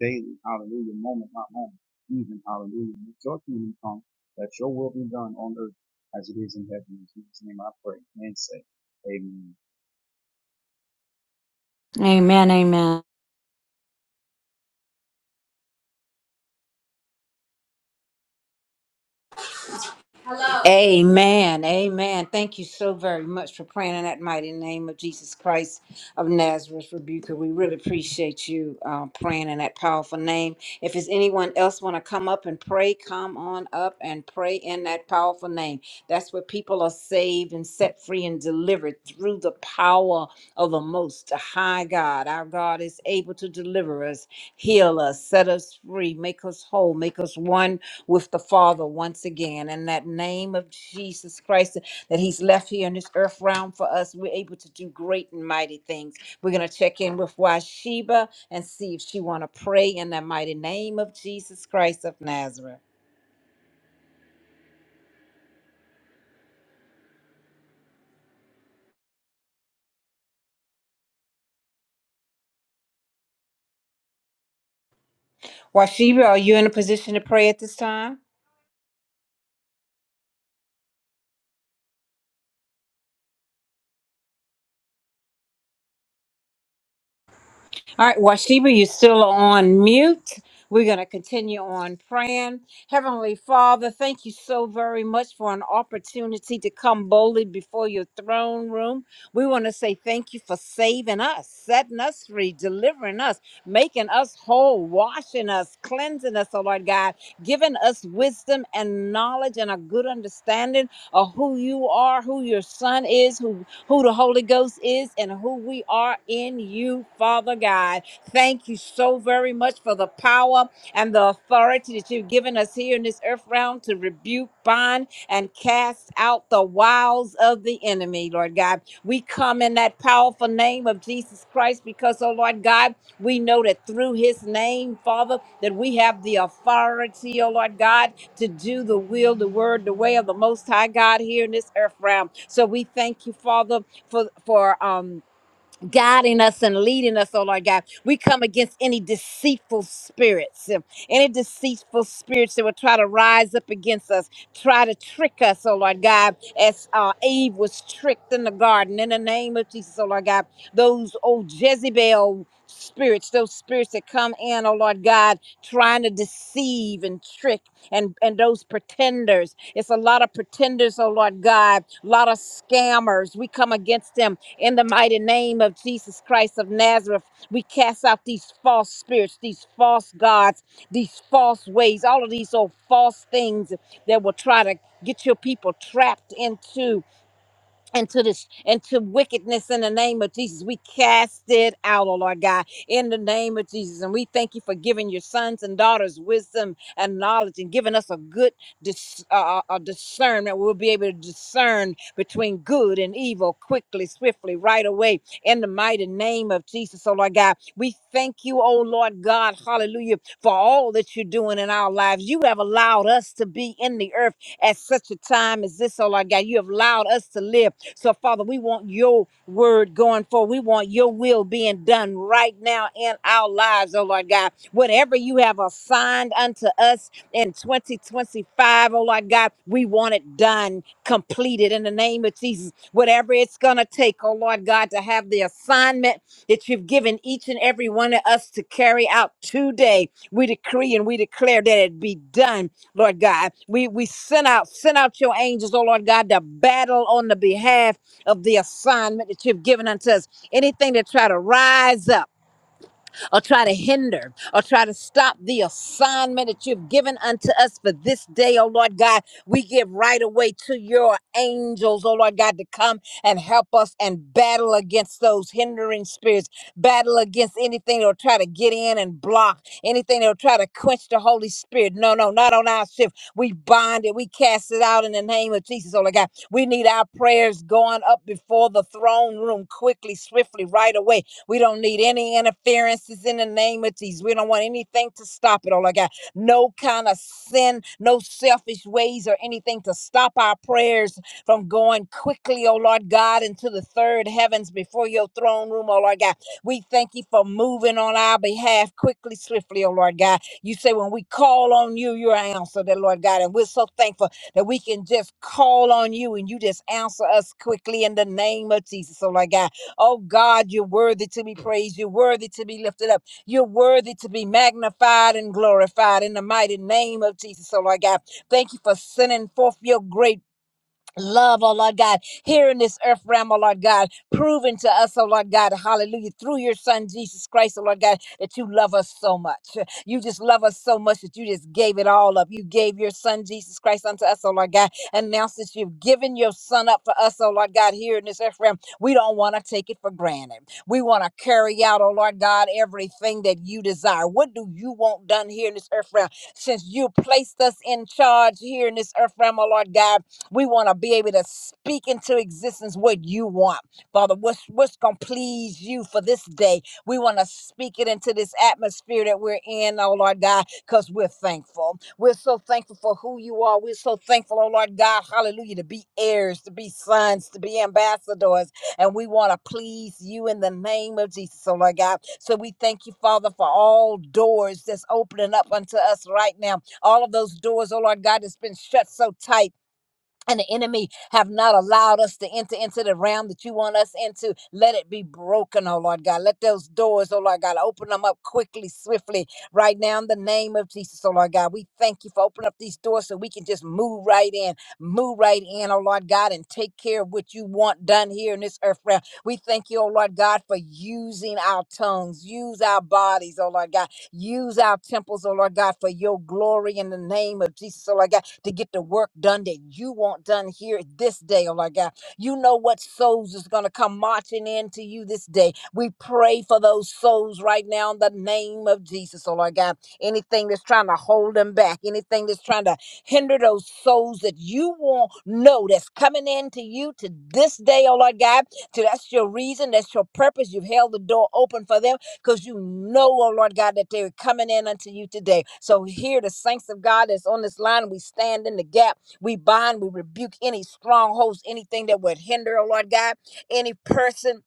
S6: daily, hallelujah, moment by moment, even, hallelujah. Let your kingdom come, that your will be done on earth as it is in heaven. In Jesus' name I pray and say, Amen.
S5: Amen. Amen.
S4: Amen. Amen. Thank you so very much for praying in that mighty name of Jesus Christ of Nazareth, Rebuker. We really appreciate you uh, praying in that powerful name. If there's anyone else want to come up and pray, come on up and pray in that powerful name. That's where people are saved and set free and delivered through the power of the Most High God. Our God is able to deliver us, heal us, set us free, make us whole, make us one with the Father once again. In that name of Jesus Christ that He's left here in this earth realm for us, we're able to do great and mighty things. We're gonna check in with Washeba and see if she wanna pray in the mighty name of Jesus Christ of Nazareth. Washeba, are you in a position to pray at this time? All right, Washiba, you're still on mute. We're going to continue on praying. Heavenly Father, thank you so very much for an opportunity to come boldly before your throne room. We want to say thank you for saving us, setting us free, delivering us, making us whole, washing us, cleansing us, oh Lord God, giving us wisdom and knowledge and a good understanding of who you are, who your son is, who who the Holy Ghost is and who we are in you, Father God. Thank you so very much for the power and the authority that you've given us here in this earth realm to rebuke, bind, and cast out the wiles of the enemy, Lord God. We come in that powerful name of Jesus Christ because, oh Lord God, we know that through his name, Father, that we have the authority, oh Lord God to do the will, the word, the way of the Most High God here in this earth realm. So we thank you, Father, for for um guiding us and leading us, oh Lord God. We come against any deceitful spirits, um, any deceitful spirits that will try to rise up against us, try to trick us, oh Lord God, as uh, Eve was tricked in the garden. In the name of Jesus, oh Lord God, those old Jezebel spirits, those spirits that come in, oh Lord God, trying to deceive and trick and and those pretenders it's a lot of pretenders oh lord god a lot of scammers we come against them in the mighty name of jesus christ of nazareth we cast out these false spirits these false gods these false ways all of these old false things that will try to get your people trapped into into this into wickedness in the name of Jesus. We cast it out, oh Lord God, in the name of Jesus. And we thank you for giving your sons and daughters wisdom and knowledge and giving us a good dis, uh, uh, discernment. We'll be able to discern between good and evil quickly, swiftly, right away in the mighty name of Jesus, oh Lord God. We thank you, oh Lord God, hallelujah, for all that you're doing in our lives. You have allowed us to be in the earth at such a time as this, oh Lord God. You have allowed us to live so, Father, we want your word going forward. We want your will being done right now in our lives, oh Lord God. Whatever you have assigned unto us in 2025, O Lord God, we want it done, completed in the name of Jesus. Whatever it's going to take, oh Lord God, to have the assignment that you've given each and every one of us to carry out today, we decree and we declare that it be done Lord God. We we send out send out your angels, oh Lord God, to battle on the behalf of the assignment that you've given unto us. Anything that try to rise up or try to hinder or try to stop the assignment that you've given unto us for this day, oh Lord God. We give right away to your angels, oh Lord God, to come and help us and battle against those hindering spirits, battle against anything that'll try to get in and block, anything that'll try to quench the Holy Spirit. No, no, not on our shift. We bind it, we cast it out in the name of Jesus, oh Lord God. We need our prayers going up before the throne room quickly, swiftly, right away we don't need any interferences in the name of Jesus. We don't want anything to stop it, oh Lord God. No kind of sin, no selfish ways or anything to stop our prayers from going quickly, oh Lord God, into the third heavens before your throne room, oh Lord God. We thank you for moving on our behalf quickly, swiftly, oh Lord God. You say when we call on you, you're answered, dear Lord God. And we're so thankful that we can just call on you and you just answer us quickly in the name of Jesus, oh Lord God. Oh God, you're worthy to be praised. You're worthy to be lifted up. You're worthy to be magnified and glorified in the mighty name of Jesus. So, Lord God, thank you for sending forth your great love, oh Lord God, here in this earth realm, oh Lord God, proving to us, oh Lord God, hallelujah, through your son Jesus Christ, oh Lord God, that you love us so much. You just love us so much that you just gave it all up. You gave your son Jesus Christ unto us, oh Lord God. And now since you've given your son up for us, oh Lord God, here in this earth realm, we don't want to take it for granted. We want to carry out, oh Lord God, everything that you desire. What do you want done here in this earth realm? Since you placed us in charge here in this earth realm, oh Lord God, we want to be able to speak into existence what you want, Father. What's what's gonna please you for this day? We want to speak it into this atmosphere that we're in, oh Lord God, because we're thankful. We're so thankful for who you are. We're so thankful, oh Lord God, hallelujah, to be heirs, to be sons, to be ambassadors. And we want to please you in the name of Jesus, oh Lord God. So we thank you, Father, for all doors that's opening up unto us right now. All of those doors, oh Lord God, that's been shut so tight and the enemy have not allowed us to enter into the realm that you want us into. Let it be broken, oh Lord God. Let those doors, oh Lord God, open them up quickly, swiftly, right now in the name of Jesus, oh Lord God. We thank you for opening up these doors so we can just move right in, move right in, oh Lord God, and take care of what you want done here in this earth realm. We thank you, oh Lord God, for using our tongues, use our bodies, oh Lord God Use our temples, oh Lord God, for your glory in the name of Jesus, oh Lord God, to get the work done that you want done here this day, oh Lord God. You know what souls is going to come marching into you this day. We pray for those souls right now in the name of Jesus, oh Lord God. Anything that's trying to hold them back, anything that's trying to hinder those souls that you won't know that's coming into you to this day, oh Lord God. So that's your reason, that's your purpose. You've held the door open for them because you know, oh Lord God, that they're coming in unto you today. So here, the saints of God that's on this line, we stand in the gap. We bind, we rebuke any strongholds, anything that would hinder, oh Lord God, any person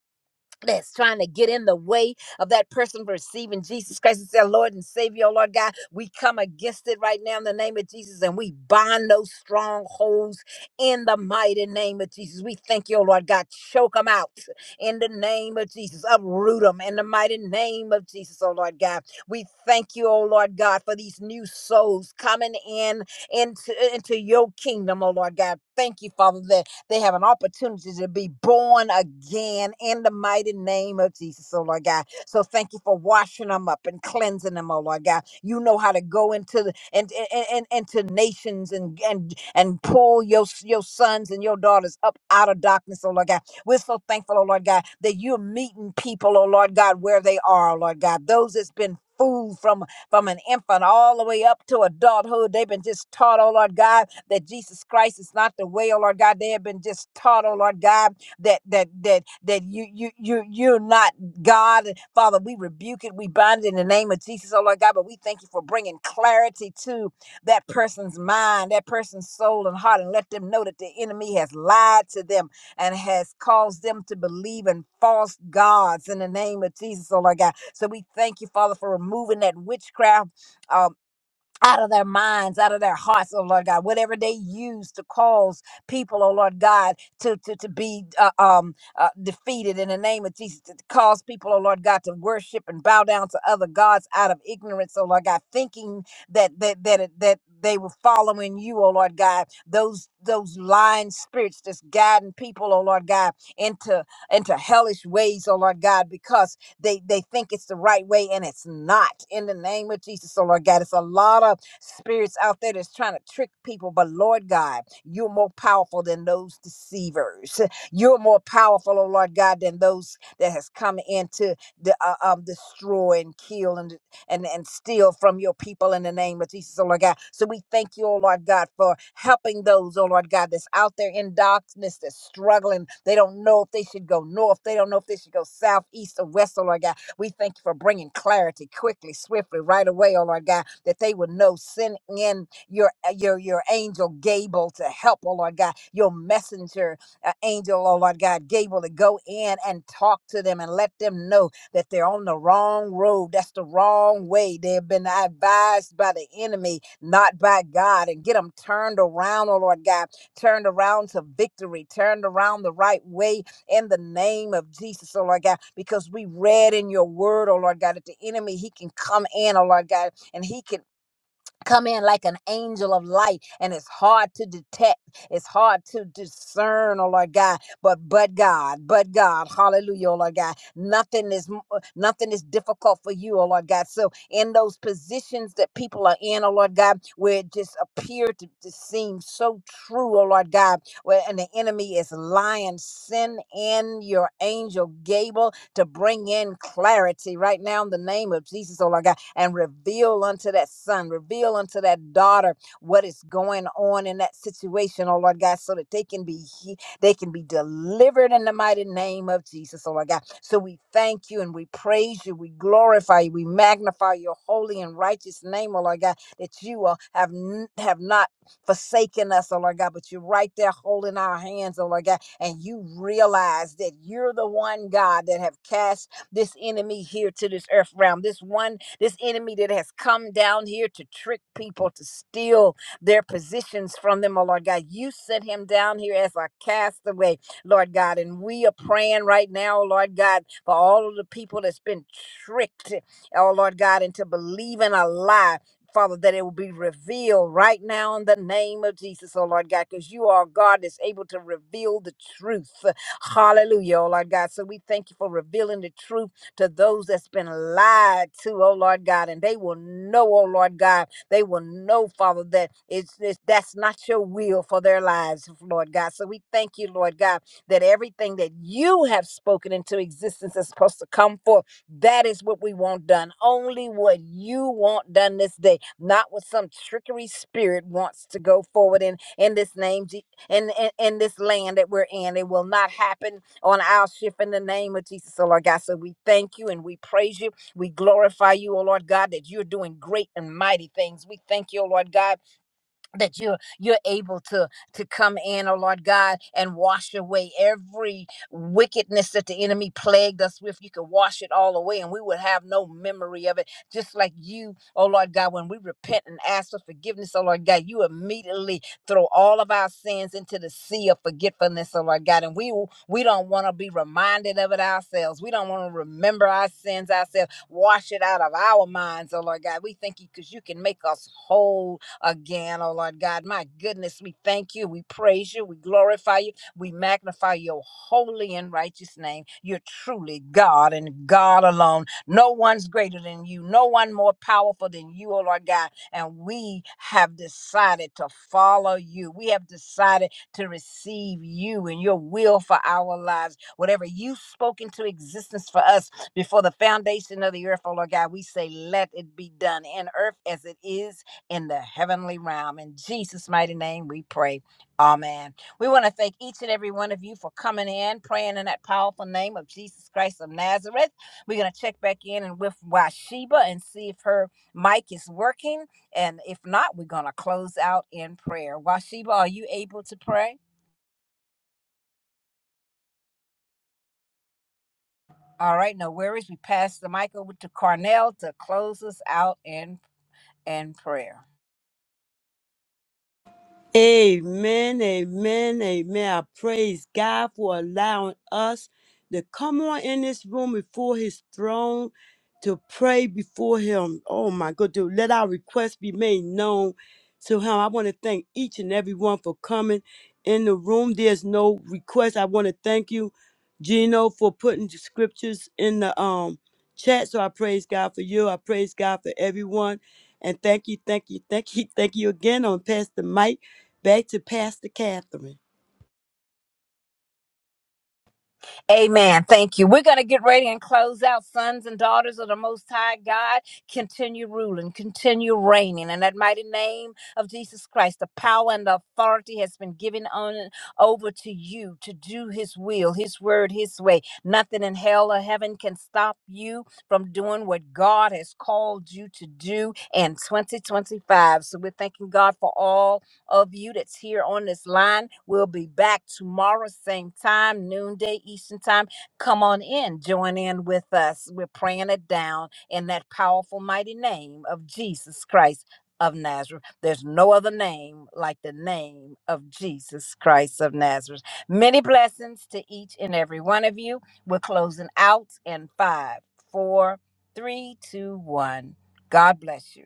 S4: that's trying to get in the way of that person receiving Jesus Christ as their Lord and Savior, oh Lord God. We come against it right now in the name of Jesus and we bind those strongholds in the mighty name of Jesus. We thank you, oh Lord God. Choke them out in the name of Jesus. Uproot them in the mighty name of Jesus, oh Lord God. We thank you, oh Lord God, for these new souls coming in into, into your kingdom, oh Lord God. Thank you, Father, that they have an opportunity to be born again in the mighty name of Jesus, oh Lord God. So thank you for washing them up and cleansing them, oh Lord God. You know how to go into the and and, and into nations and and and pull your your sons and your daughters up out of darkness, oh Lord God. We're so thankful, oh Lord God, that you're meeting people, oh Lord God, where they are, oh Lord God. Those that's been fooled from from an infant all the way up to adulthood. They've been just taught, oh Lord God that Jesus Christ is not the way, oh Lord God. They have been just taught, oh Lord God, that that that that you you you you're not God, Father. We rebuke it, we bind it in the name of Jesus, oh Lord God. But we thank you for bringing clarity to that person's mind, that person's soul and heart, and let them know that the enemy has lied to them and has caused them to believe in false gods in the name of Jesus, oh Lord God. So we thank you, Father, for removing that witchcraft Um out of their minds, out of their hearts, oh Lord God, whatever they use to cause people, oh Lord God, to to, to be uh, um uh, defeated in the name of Jesus, to cause people, oh Lord God, to worship and bow down to other gods out of ignorance, oh Lord God, thinking that that that it- that they were following you, oh Lord God. Those those lying spirits just guiding people, oh Lord God, into into hellish ways, oh Lord God, because they they think it's the right way and it's not. In the name of Jesus, so Lord God, it's a lot of spirits out there that's trying to trick people, but Lord God, you're more powerful than those deceivers. You're more powerful, oh Lord God, than those that has come in to the, uh, um, destroy and kill and and, and steal from your people in the name of Jesus, oh Lord God. So we thank you, oh Lord God, for helping those, oh Lord God, that's out there in darkness, that's struggling. They don't know if they should go north. They don't know if they should go south, east, or west, oh Lord God. We thank you for bringing clarity quickly, swiftly, right away, oh Lord God, that they would know, send in your your your angel Gable to help, oh Lord God, your messenger uh, angel, oh Lord God, Gable to go in and talk to them and let them know that they're on the wrong road. That's the wrong way. They've been advised by the enemy, not by God. And get them turned around, oh Lord God, turned around to victory, turned around the right way in the name of Jesus, oh Lord God, because we read in your word, oh Lord God, that the enemy, he can come in, oh Lord God, and he can come in like an angel of light and it's hard to detect it's hard to discern oh lord god but but god but god hallelujah oh lord god nothing is m- uh, nothing is difficult for you oh lord god so in those positions that people are in oh lord god where it just appeared to, to seem so true oh lord god where and the enemy is lying sin in your angel gable to bring in clarity right now in the name of Jesus, oh Lord God, and reveal unto that son, reveal unto that daughter what is going on in that situation, oh Lord God, so that they can be he- they can be delivered in the mighty name of Jesus, oh Lord God. So we thank you and we praise you, we glorify you, we magnify your holy and righteous name, oh Lord God, that you uh, have n- have not forsaken us, oh Lord God, but you're right there holding our hands, oh Lord God and you realize that you're the one God that have cast this enemy here to this earth realm, this one, this enemy that has come down here to trick people, to steal their positions from them, oh Lord God. You sent him down here as a castaway, Lord God. And we are praying right now, oh Lord God, for all of the people that's been tricked, oh Lord God, into believing a lie Father, that it will be revealed right now in the name of Jesus, oh Lord God, because you are God that's able to reveal the truth. Hallelujah, oh Lord God. So we thank you for revealing the truth to those that's been lied to, oh Lord God, and they will know, oh Lord God, they will know, Father, that it's, it's that's not your will for their lives, Lord God. So we thank you, Lord God, that everything that you have spoken into existence is supposed to come forth that is what we want done. Only what you want done this day, not what some trickery spirit wants to go forward in in this name Je- in in, in this land that we're in. It will not happen on our shift in the name of Jesus, oh Lord God. So we thank you and we praise you. We glorify you, oh Lord God, that you're doing great and mighty things. We thank you, oh Lord God that you're you're able to to come in oh lord god and wash away every wickedness that the enemy plagued us with you could wash it all away and we would have no memory of it just like you oh lord god when we repent and ask for forgiveness oh lord god you immediately throw all of our sins into the sea of forgetfulness oh lord god and we w- we don't want to be reminded of it ourselves we don't want to remember our sins ourselves wash it out of our minds oh lord god we thank you because you can make us whole again, oh Lord God. My goodness, we thank you. We praise you. We glorify you. We magnify your holy and righteous name. You're truly God and God alone. No one's greater than you, no one more powerful than you, oh Lord God. And we have decided to follow you. We have decided to receive you and your will for our lives. Whatever you spoke into existence for us before the foundation of the earth, oh Lord God, we say, let it be done in earth as it is in the heavenly realm. In Jesus' mighty name, we pray. Amen. We want to thank each and every one of you for coming in, praying in that powerful name of Jesus Christ of Nazareth. We're going to check back in and with Washeba and see if her mic is working. And if not, we're going to close out in prayer. Washeba, are you able to pray? All right, no worries. We pass the mic over to Carnell to close us out in, in prayer.
S3: Amen, amen, amen. I praise God for allowing us to come on in this room before his throne to pray before him. Oh my God, to let our requests be made known to him. I want to thank each and every one for coming in the room. There's no request. I want to thank you, Gino, for putting the scriptures in the um chat. So I praise God for you. I praise God for everyone. And thank you, thank you, thank you, thank you again on Pastor Mike. Back to Pastor Catherine.
S4: Amen. Thank you. We're going to get ready and close out. Sons and daughters of the Most High God, continue ruling, continue reigning. In that mighty name of Jesus Christ, the power and the authority has been given on over to you to do His will, His word, His way. Nothing in hell or heaven can stop you from doing what God has called you to do in 2025. So we're thanking God for all of you that's here on this line. We'll be back tomorrow, same time, noonday Eastern time. Come on in, join in with us. We're praying it down in that powerful, mighty name of Jesus Christ of Nazareth. There's no other name like the name of Jesus Christ of Nazareth. Many blessings to each and every one of you. We're closing out in five, four, three, two, one. God bless you.